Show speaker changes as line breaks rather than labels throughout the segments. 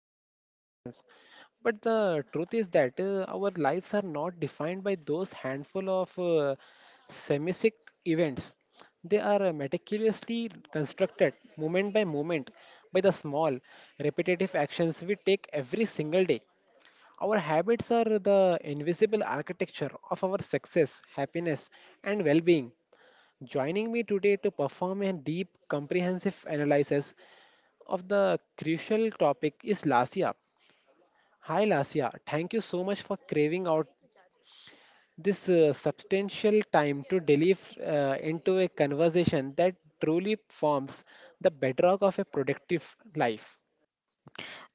massive transformations. But the truth is that our lives are not defined by those handful of semisic events. They are meticulously constructed, moment by moment, by the small, repetitive actions we take every single day. Our habits are the invisible architecture of our success, happiness, and well being. Joining me today to perform a deep, comprehensive analysis of the crucial topic is Lasia. Hi, Lasia. Thank you so much for craving out this substantial time to delve into a conversation that truly forms the bedrock of a productive life.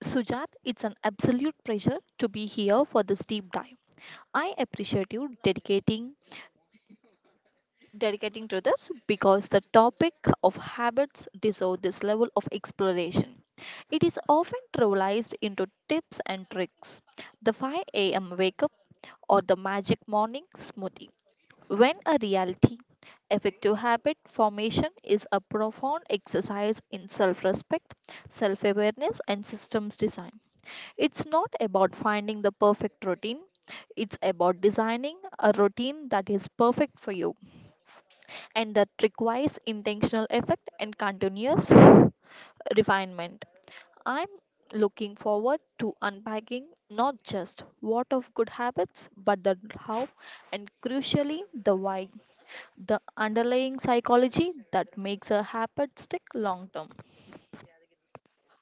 Sujat, it's an absolute pleasure to be here for this deep dive. I appreciate you dedicating to this because the topic of habits deserve this level of exploration. It is often trivialized into tips and tricks. The 5 a.m. wake up or the magic morning smoothie. When a reality, effective habit formation is a profound exercise in self respect, self awareness, and systems design. It's not about finding the perfect routine, it's about designing a routine that is perfect for you, and that requires intentional effort and continuous refinement. I'm looking forward to unpacking not just what of good habits, but the how and, crucially, the why, the underlying psychology that makes a habit stick long term.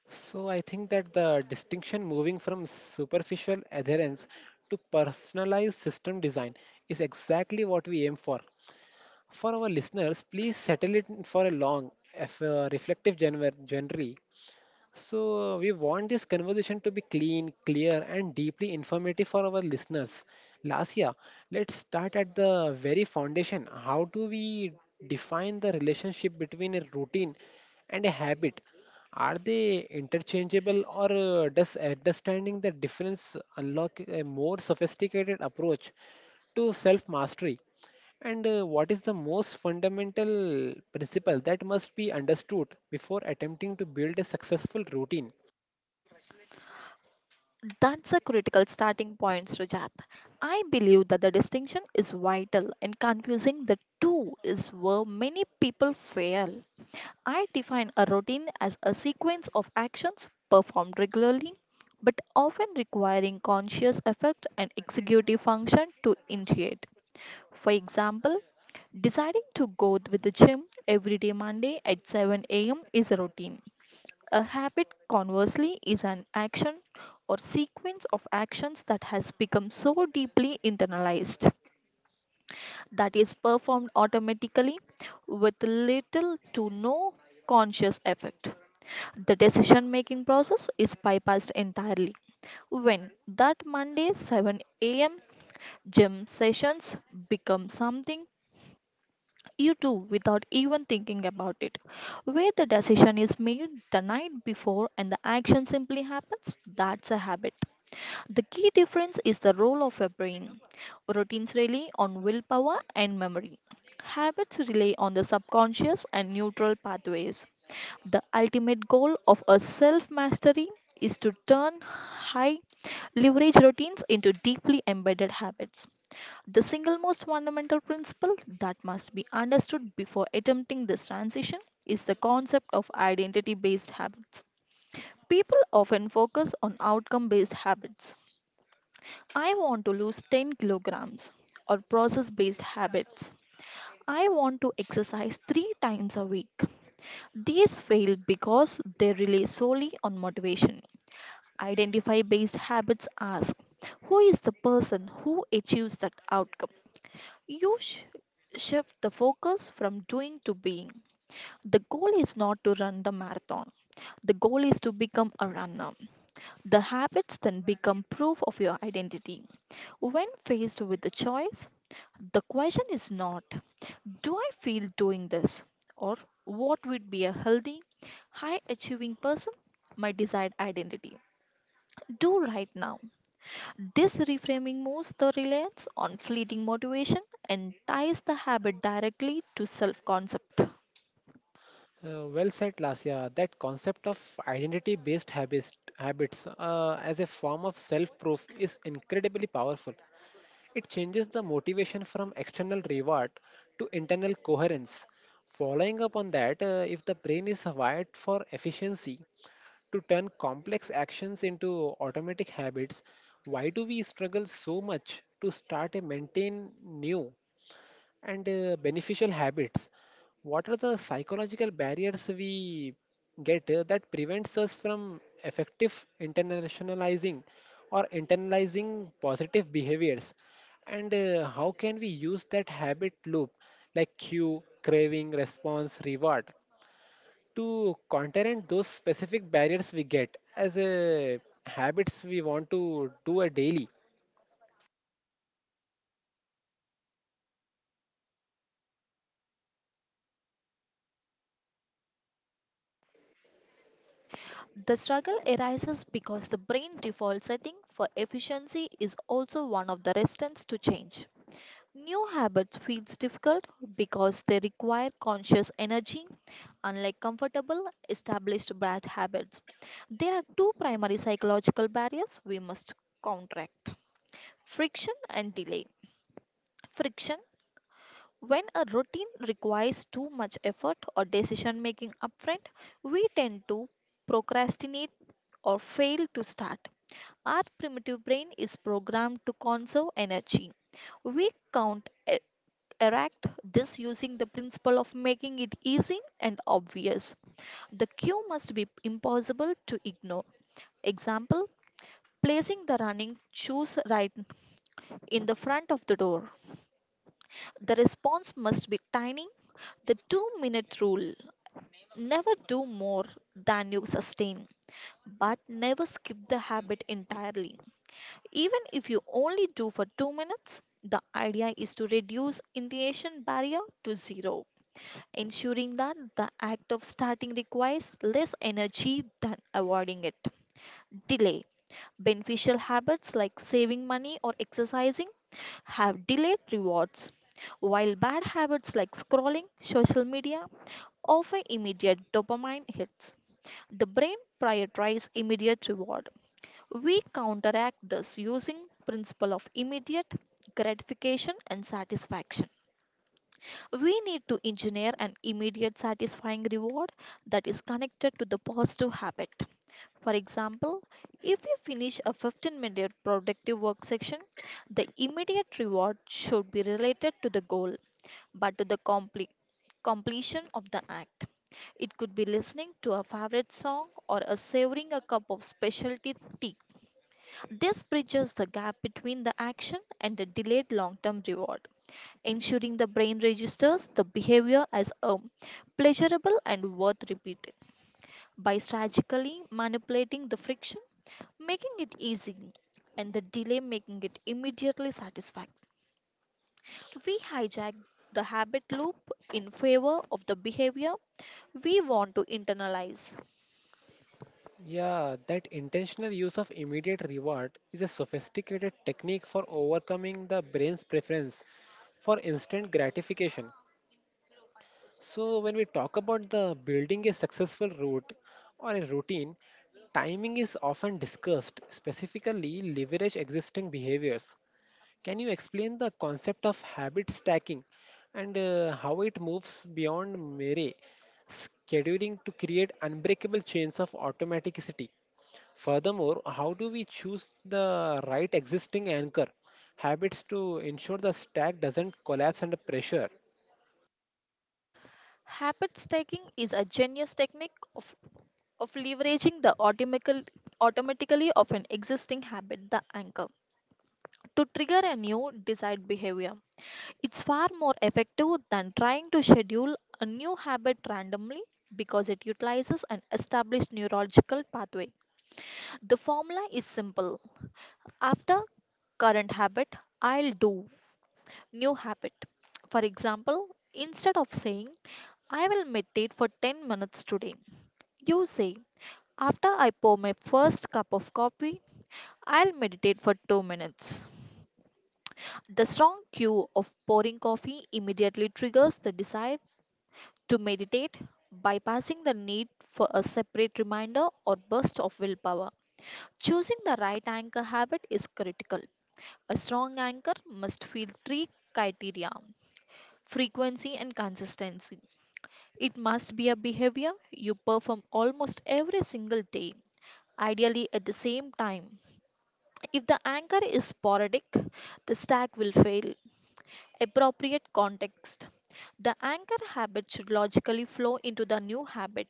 So I think that the distinction moving from superficial adherence to personalized system design is exactly what we aim for. For our listeners, please settle it for a long, if, reflective genre. We want this conversation to be clean, clear, and deeply informative for our listeners. Lasia, let's start at the very foundation. How do we define the relationship between a routine and a habit? Are they interchangeable, or does understanding the difference unlock a more sophisticated approach to self mastery? And what is the most fundamental principle that must be understood before attempting to build a successful routine?
That's a critical starting point, Sujat. I believe that the distinction is vital and confusing the two is where many people fail. I define a routine as a sequence of actions performed regularly but often requiring conscious effort and executive function to initiate. For example, deciding to go with the gym every day Monday at 7 a.m. is a routine. A habit, conversely, is an action or sequence of actions that has become so deeply internalized that is performed automatically with little to no conscious effect. The decision making process is bypassed entirely when that Monday 7 a.m. gym sessions become something you do without even thinking about it. Where the decision is made the night before and the action simply happens, that's a habit. The key difference is the role of your brain. Routines rely on willpower and memory. Habits rely on the subconscious and neutral pathways. The ultimate goal of a self mastery is to turn high leverage routines into deeply embedded habits. The single most fundamental principle that must be understood before attempting this transition is the concept of identity based habits. People often focus on outcome based habits. I want to lose 10 kilograms, or process based habits. I want to exercise three times a week. These fail because they rely solely on motivation. Identify based habits ask, who is the person who achieves that outcome? You shift the focus from doing to being. The goal is not to run the marathon. The goal is to become a runner. The habits then become proof of your identity. When faced with the choice, the question is not, do I feel doing this? Or what would be a healthy, high achieving person, my desired identity, do right now? This reframing moves the reliance on fleeting motivation and ties the habit directly to self concept.
Well said, Lasya. That concept of identity based habits, as a form of self proof is incredibly powerful. It changes the motivation from external reward to internal coherence. Following up on that, if the brain is wired for efficiency, to turn complex actions into automatic habits, why do we struggle so much to start and maintain new? And beneficial habits. What are the psychological barriers we get that prevents us from effective internationalizing or internalizing positive behaviors? And how can we use that habit loop like cue, craving, response, reward to counter those specific barriers we get as a habits we want to do a daily?
The struggle arises because the brain default setting for efficiency is also one of the resistance to change. New habits feels difficult because they require conscious energy, unlike comfortable established bad habits. There are two primary psychological barriers we must counteract: friction and delay. Friction: when a routine requires too much effort or decision making upfront, we tend to procrastinate or fail to start. Our primitive brain is programmed to conserve energy. We erect this using the principle of making it easy and obvious. The cue must be impossible to ignore. Example: placing the running shoes right in the front of the door. The response must be tiny. The 2 minute rule: never do more than you sustain, but never skip the habit entirely. Even if you only do for 2 minutes, the idea is to reduce initiation barrier to zero, ensuring that the act of starting requires less energy than avoiding it. Delay: beneficial habits like saving money or exercising have delayed rewards, while bad habits like scrolling social media offer immediate dopamine hits. The brain prioritizes immediate reward. We counteract this using principle of immediate gratification and satisfaction. We need to engineer an immediate satisfying reward that is connected to the positive habit. For example, if you finish a 15-minute productive work section, the immediate reward should be related to the goal, but to the completion of the act. It could be listening to a favorite song or a savoring a cup of specialty tea. This bridges the gap between the action and the delayed long term reward, ensuring the brain registers the behavior as a pleasurable and worth repeating. By strategically manipulating the friction, making it easy, and the delay, making it immediately satisfying, we hijack the habit loop in favor of the behavior we want to internalize.
Yeah, that intentional use of immediate reward is a sophisticated technique for overcoming the brain's preference for instant gratification. So, when we talk about the building a successful route or a routine, timing is often discussed, specifically leverage existing behaviors. Can you explain the concept of habit stacking and how it moves beyond mere scheduling to create unbreakable chains of automaticity? Furthermore, how do we choose the right existing anchor habits to ensure the stack doesn't collapse under pressure?
Habits taking is a genius technique of leveraging the automatically of an existing habit, the anchor, to trigger a new desired behavior. It's far more effective than trying to schedule a new habit randomly because it utilizes an established neurological pathway. The formula is simple. After current habit, I'll do new habit. For example, instead of saying, I will meditate for 10 minutes today, you say, after I pour my first cup of coffee, I'll meditate for 2 minutes. The strong cue of pouring coffee immediately triggers the desire to meditate, bypassing the need for a separate reminder or burst of willpower. Choosing the right anchor habit is critical. A strong anchor must fill three criteria. Frequency and consistency: it must be a behavior you perform almost every single day, ideally at the same time. If the anchor is sporadic, the stack will fail. Appropriate context: the anchor habit should logically flow into the new habit.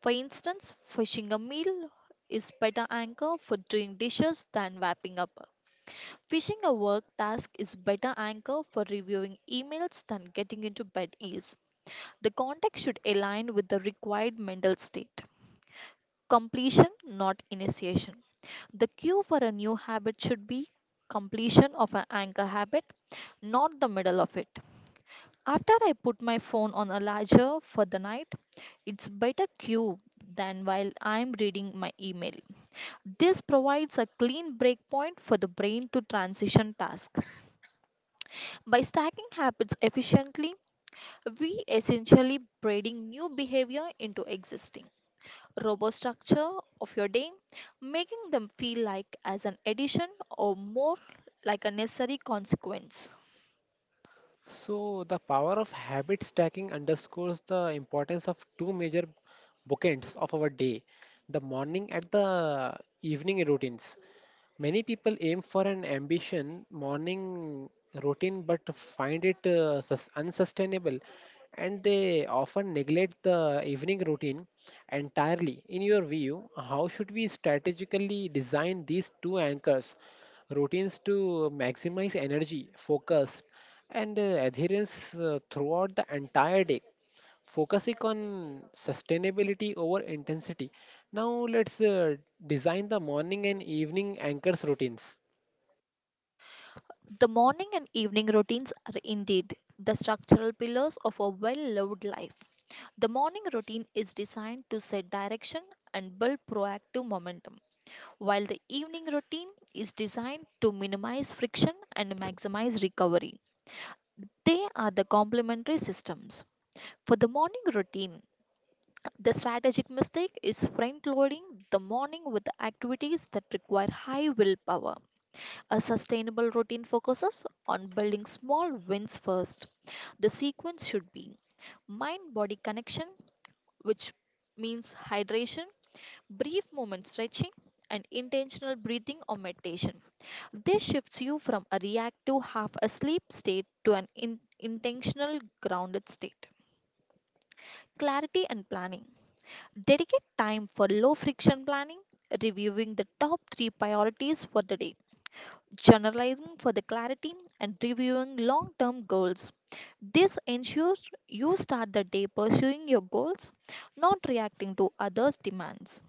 For instance, fishing a meal is better anchor for doing dishes than wrapping up. Fishing a work task is better anchor for reviewing emails than getting into bed is. The context should align with the required mental state. Completion, not initiation: the cue for a new habit should be completion of an anchor habit, not the middle of it. After I put my phone on a larger for the night, it's better cue than while I'm reading my email. This provides a clean breakpoint for the brain to transition task. By stacking habits efficiently, we essentially breeding new behavior into existing robo structure of your day, making them feel like as an addition or more like a necessary consequence.
So, the power of habit stacking underscores the importance of two major bookends of our day, the morning and the evening routines. Many people aim for an ambition morning routine but find it unsustainable and they often neglect the evening routine entirely. In your view, how should we strategically design these two anchors routines to maximize energy, focus, and adherence throughout the entire day, focusing on sustainability over intensity. Now, let's design the morning and evening anchors routines.
The morning and evening routines are indeed the structural pillars of a well lived life. The morning routine is designed to set direction and build proactive momentum, while the evening routine is designed to minimize friction and maximize recovery. They are the complementary systems. For the morning routine, the strategic mistake is front loading the morning with activities that require high willpower. A sustainable routine focuses on building small wins first. The sequence should be mind body connection, which means hydration, brief moment stretching, and intentional breathing or meditation. This shifts you from a reactive, half asleep state to an intentional, grounded state. Clarity and planning: dedicate time for low friction planning, reviewing the top three priorities for the day, generalizing for the clarity, and reviewing long term goals. This ensures you start the day pursuing your goals, not reacting to others' demands.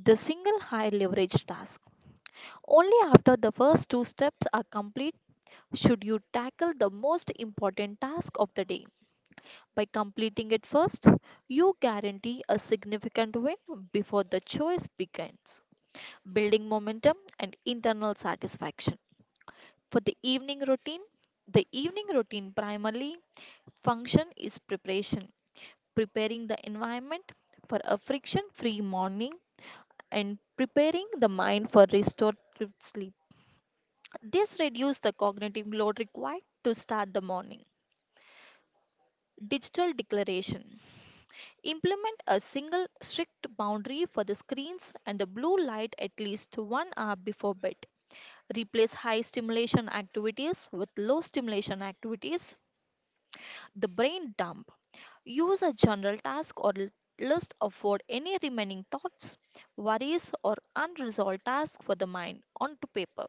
The single high leverage task: only after the first two steps are complete should you tackle the most important task of the day. By completing it first, you guarantee a significant win before the choice begins, building momentum and internal satisfaction. For the evening routine primarily function is preparation, preparing the environment for a friction-free morning and preparing the mind for restorative sleep. This reduces the cognitive load required to start the morning. Digital declaration: implement a single strict boundary for the screens and the blue light at least 1 hour before bed. Replace high stimulation activities with low stimulation activities. The brain dump: use a general task or list of what any remaining thoughts, worries, or unresolved tasks for the mind onto paper.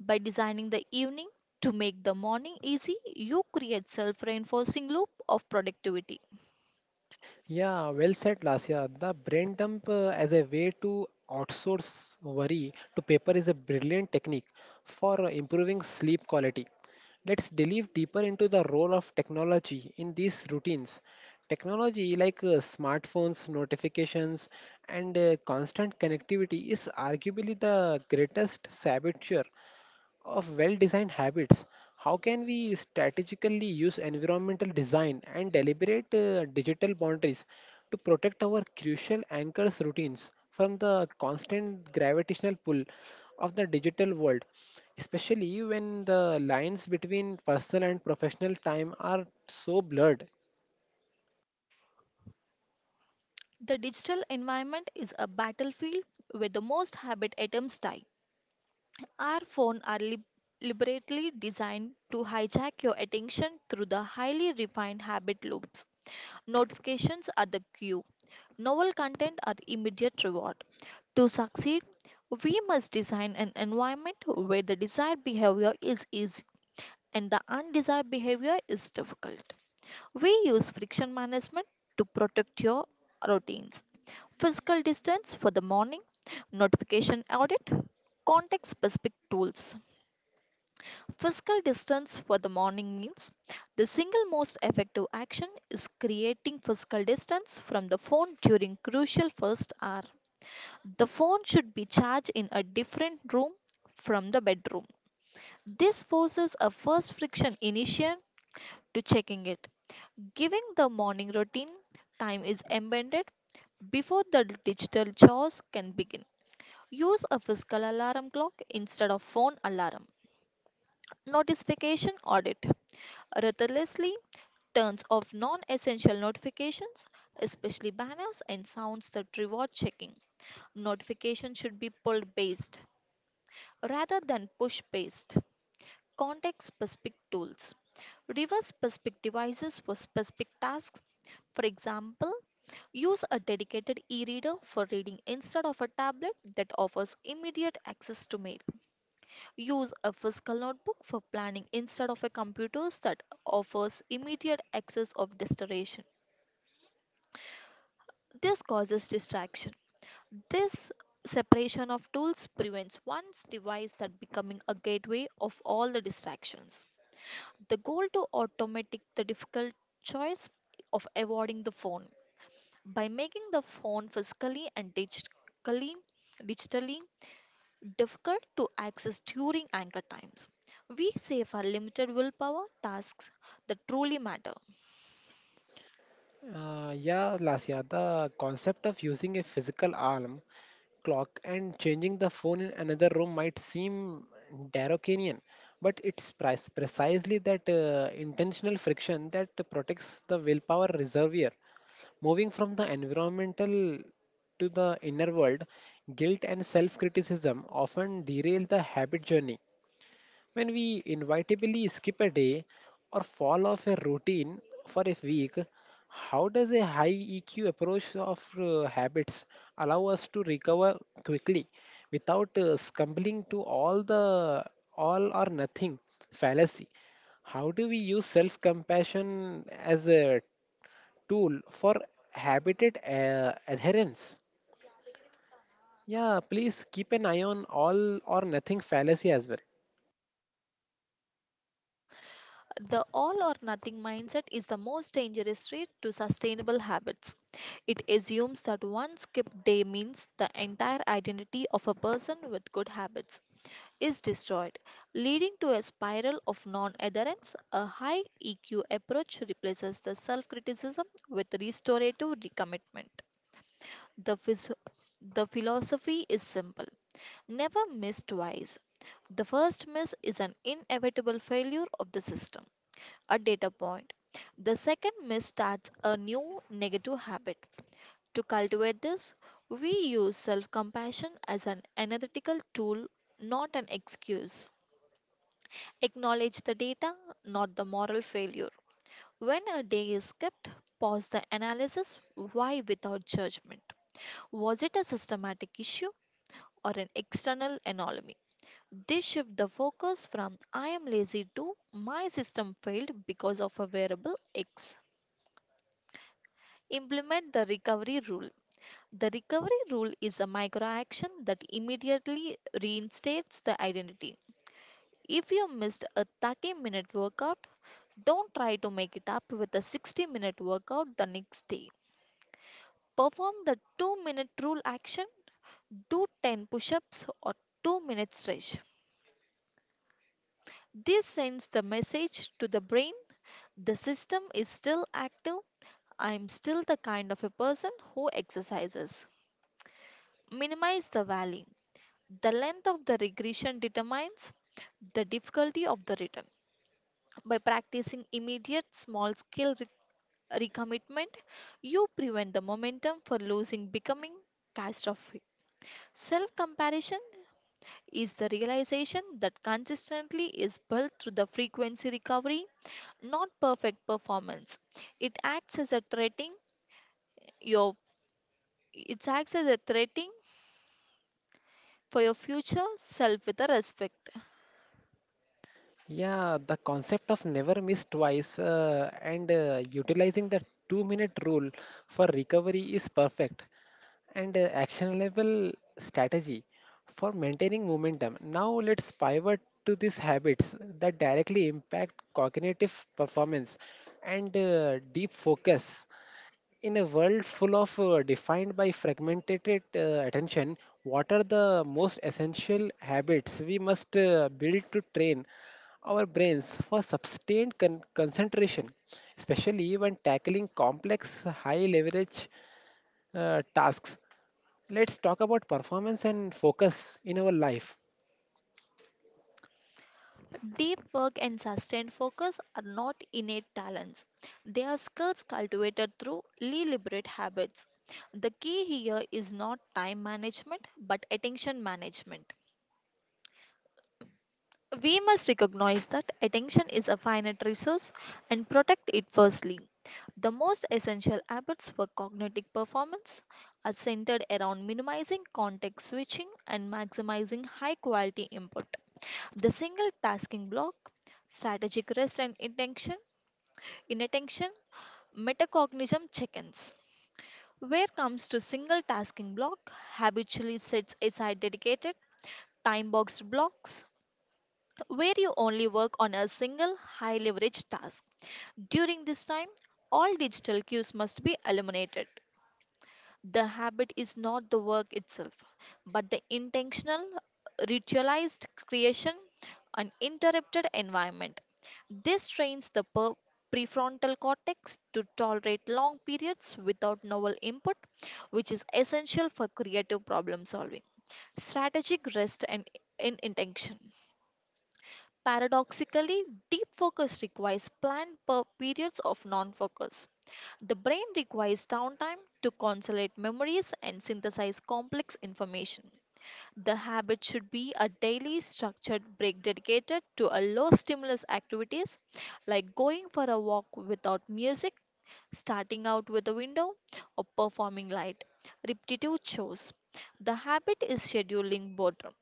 By designing the evening to make the morning easy, you create self reinforcing loop of productivity.
Yeah, well said, Lasya. The brain dump as a way to outsource worry to paper is a brilliant technique for improving sleep quality. Let's delve deeper into the role of technology in these routines. Technology like smartphones, notifications, and constant connectivity is arguably the greatest saboteur of well designed habits. How can we strategically use environmental design and deliberate digital boundaries to protect our crucial anchors routines from the constant gravitational pull of the digital world, especially when the lines between personal and professional time are so blurred?
The digital environment is a battlefield where the most habit atoms die. Our phones are liberately designed to hijack your attention through the highly refined habit loops. Notifications are the cue. Novel content are immediate reward. To succeed, we must design an environment where the desired behavior is easy and the undesired behavior is difficult. We use friction management to protect your routines: physical distance for the morning, notification audit, context specific tools. Physical distance for the morning means the single most effective action is creating physical distance from the phone during crucial first hour. The phone should be charged in a different room from the bedroom. This forces a first friction initiation to checking it, giving the morning routine time is embedded before the digital chores can begin. Use a physical alarm clock instead of phone alarm. Notification audit: ruthlessly turns off non essential notifications, especially banners and sounds that reward checking. Notifications should be pulled based rather than push based. Context specific tools: reverse specific devices for specific tasks. For example, use a dedicated e reader for reading instead of a tablet that offers immediate access to mail. Use a physical notebook for planning instead of a computer that offers immediate access of distraction. This causes distraction. This separation of tools prevents one's device that becoming a gateway of all the distractions. The goal to automate the difficult choice of avoiding the phone by making the phone physically and digitally difficult to access during anchor times. We save our limited willpower tasks that truly matter.
Yeah, Lasya, the concept of using a physical alarm clock and changing the phone in another room might seem Darwinian, but it's precisely that intentional friction that protects the willpower reservoir. Moving from the environmental to the inner world, guilt and self criticism often derail the habit journey. When we inevitably skip a day or fall off a routine for a week, how does a high EQ approach of habits allow us to recover quickly without scumbling to all or nothing fallacy? How do we use self-compassion as a tool for habitat adherence? Yeah, please keep an eye on all or nothing fallacy as well.
The all or nothing mindset is the most dangerous threat to sustainable habits. It assumes that one skip day means the entire identity of a person with good habits is destroyed, leading to a spiral of non adherence. A high EQ approach replaces the self criticism with restorative recommitment. The, phys- the philosophy is simple, never miss twice. The first miss is an inevitable failure of the system, a data point. The second miss starts a new negative habit. To cultivate this, we use self compassion as an analytical tool, not an excuse. Acknowledge the data, not the moral failure. When a day is skipped, pause the analysis why without judgment. Was it a systematic issue or an external anomaly? This shift the focus from I am lazy to my system failed because of a variable X. Implement the recovery rule. The recovery rule is a micro action that immediately reinstates the identity. If you missed a 30-minute workout, don't try to make it up with a 60-minute workout the next day. Perform the 2-minute rule action, do 10 push ups or 2-minute stretch. This sends the message to the brain, the system is still active. I am still the kind of a person who exercises. Minimize the valley. The length of the regression determines the difficulty of the return. By practicing immediate small scale recommitment, you prevent the momentum for losing becoming catastrophic. Self comparison is the realization that consistently is built through the frequency recovery, not perfect performance. It acts as a threatening your it acts as a threatening for your future self with a respect.
Yeah, the concept of never miss twice and utilizing the 2 minute rule for recovery is perfect and actionable strategy for maintaining momentum. Now, let's pivot to these habits that directly impact cognitive performance and deep focus. In a world full of defined by fragmented uh, attention, what are the most essential habits we must build to train our brains for sustained concentration, especially when tackling complex, high leverage tasks? Let's talk about performance and focus in our life.
Deep work and sustained focus are not innate talents. They are skills cultivated through deliberate habits. The key here is not time management but attention management. We must recognize that attention is a finite resource and protect it firstly. The most essential habits for cognitive performance are centered around minimizing context switching and maximizing high quality input. The single tasking block, strategic rest and intention, inattention, metacognition check-ins. Where comes to single tasking block, habitually sets aside dedicated time boxed blocks where you only work on a single high leverage task. During this time, all digital cues must be eliminated. The habit is not the work itself, but the intentional, ritualized creation, an interrupted environment. This trains the prefrontal cortex to tolerate long periods without novel input, which is essential for creative problem solving, strategic rest, and intention. Paradoxically, deep focus requires planned periods of non focus. The brain requires downtime to consolidate memories and synthesize complex information. The habit should be a daily structured break dedicated to a low stimulus activities like going for a walk without music, starting out with a window, or performing light repetitive chores. The habit is scheduling boredom.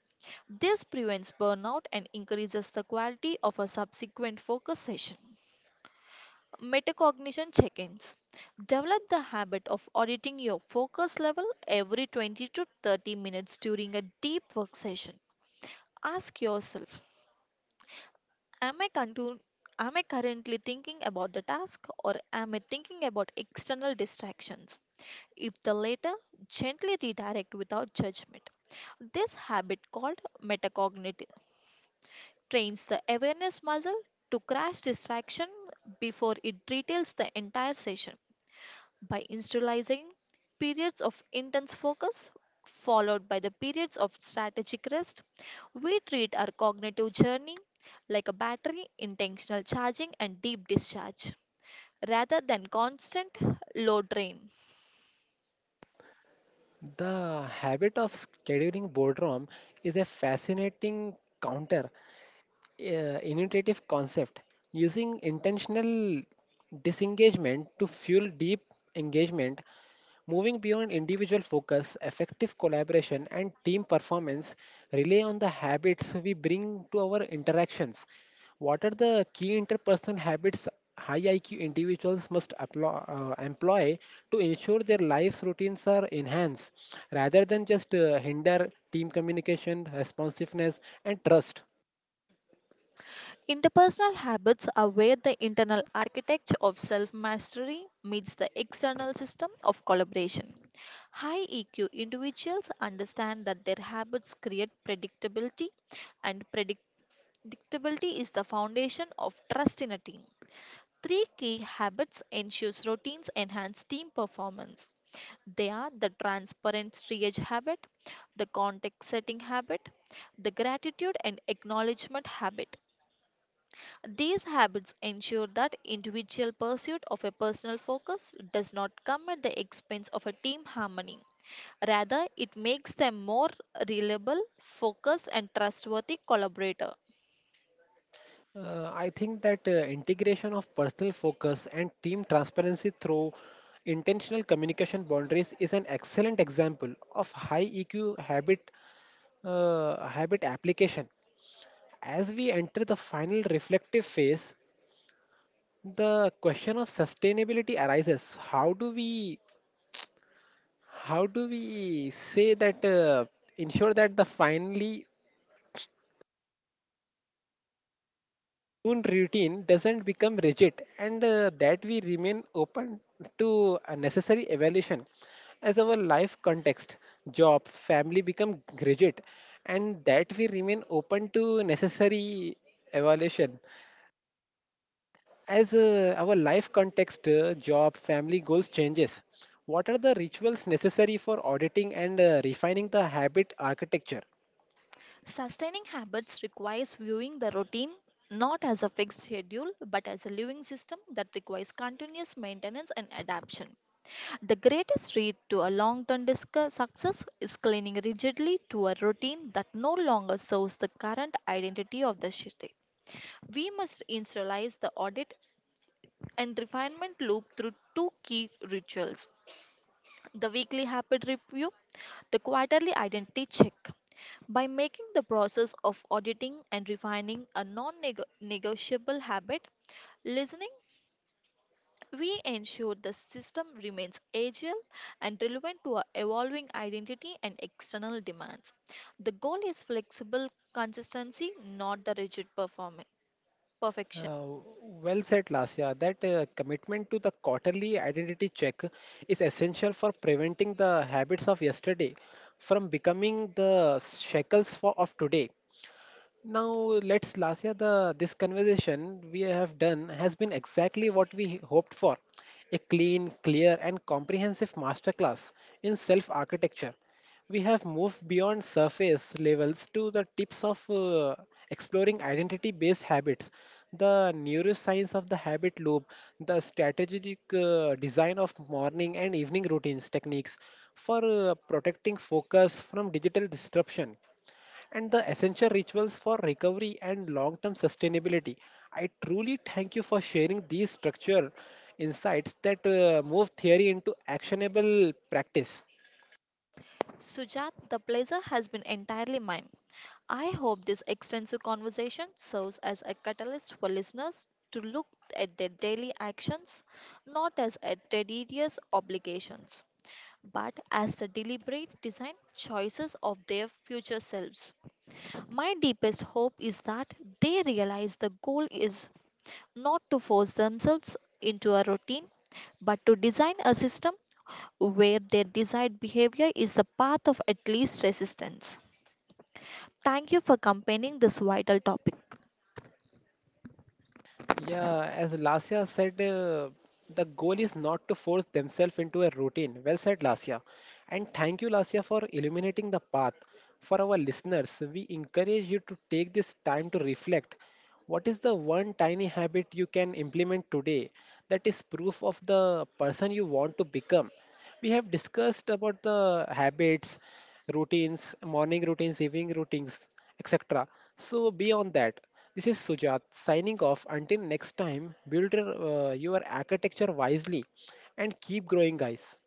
This prevents burnout and increases the quality of a subsequent focus session. Metacognition check ins. Develop the habit of auditing your focus level every 20 to 30 minutes during a deep work session. Ask yourself, Am I, contu- am I currently thinking about the task or am I thinking about external distractions? If the latter, gently redirect without judgment. This habit called metacognitive trains the awareness muscle to crash distraction before it retails the entire session by institutionalizing periods of intense focus followed by the periods of strategic rest. We treat our cognitive journey like a battery, intentional charging and deep discharge rather than constant load drain.
The habit of scheduling boredom is a fascinating counter, innovative concept, using intentional disengagement to fuel deep engagement. Moving beyond individual focus, effective collaboration and team performance rely on the habits we bring to our interactions. What are the key interpersonal habits high iq individuals must employ to ensure their lives routines are enhanced rather than just hinder team communication, responsiveness and trust?
Interpersonal habits are where the internal architecture of self mastery meets the external system of collaboration. High EQ individuals understand that their habits create predictability, and predictability is the foundation of trust in a team. Three key habits ensures routines enhance team performance. They are the transparent triage habit, the context setting habit, the gratitude and acknowledgement habit. These habits ensure that individual pursuit of a personal focus does not come at the expense of a team harmony. Rather, it makes them more reliable, focused, and trustworthy collaborator.
I think that integration of personal focus and team transparency through intentional communication boundaries is an excellent example of high EQ habit application. As we enter the final reflective phase, the question of sustainability arises. How do we say that ensure that the finally own routine doesn't become rigid and that we remain open to a necessary evaluation as our life context, job family, become rigid, and that we remain open to necessary evaluation as our life context, job, family, goals changes? What are the rituals necessary for auditing and refining the habit architecture?
Sustaining habits requires viewing the routine not as a fixed schedule but as a living system that requires continuous maintenance and adaptation. The greatest threat to a long term success is clinging rigidly to a routine that no longer serves the current identity of the city. We must initialize the audit and refinement loop through two key rituals, the weekly habit review, the quarterly identity check. By making the process of auditing and refining a non negotiable habit, listening, we ensure the system remains agile and relevant to our evolving identity and external demands. The goal is flexible consistency, not the rigid perfection.
Uh, well said, Lasya. That commitment to the quarterly identity check is essential for preventing the habits of yesterday from becoming the shackles of today. Now let's Lasya the this conversation we have done has been exactly what we hoped for. A clean, clear and comprehensive masterclass in self architecture. We have moved beyond surface levels to the tips of exploring identity based habits, the neuroscience of the habit loop, the strategic design of morning and evening routines techniques for protecting focus from digital disruption and the essential rituals for recovery and long term sustainability. I truly thank you for sharing these structural insights that move theory into actionable practice.
Sujat, the pleasure has been entirely mine. I hope this extensive conversation serves as a catalyst for listeners to look at their daily actions not as at tedious obligations, but as the deliberate design choices of their future selves. My deepest hope is that they realize the goal is not to force themselves into a routine, but to design a system where their desired behavior is the path of at least resistance. Thank you for campaigning this vital topic.
Yeah, as Lasya said, the goal is not to force themselves into a routine. Well said, Lasya. And thank you, Lasya, for illuminating the path. For our listeners, we encourage you to take this time to reflect. What is the one tiny habit you can implement today that is proof of the person you want to become? We have discussed about the habits, routines, morning routines, evening routines, etc. So beyond that, this is Sujat signing off. Until next time, build your architecture wisely and keep growing, guys.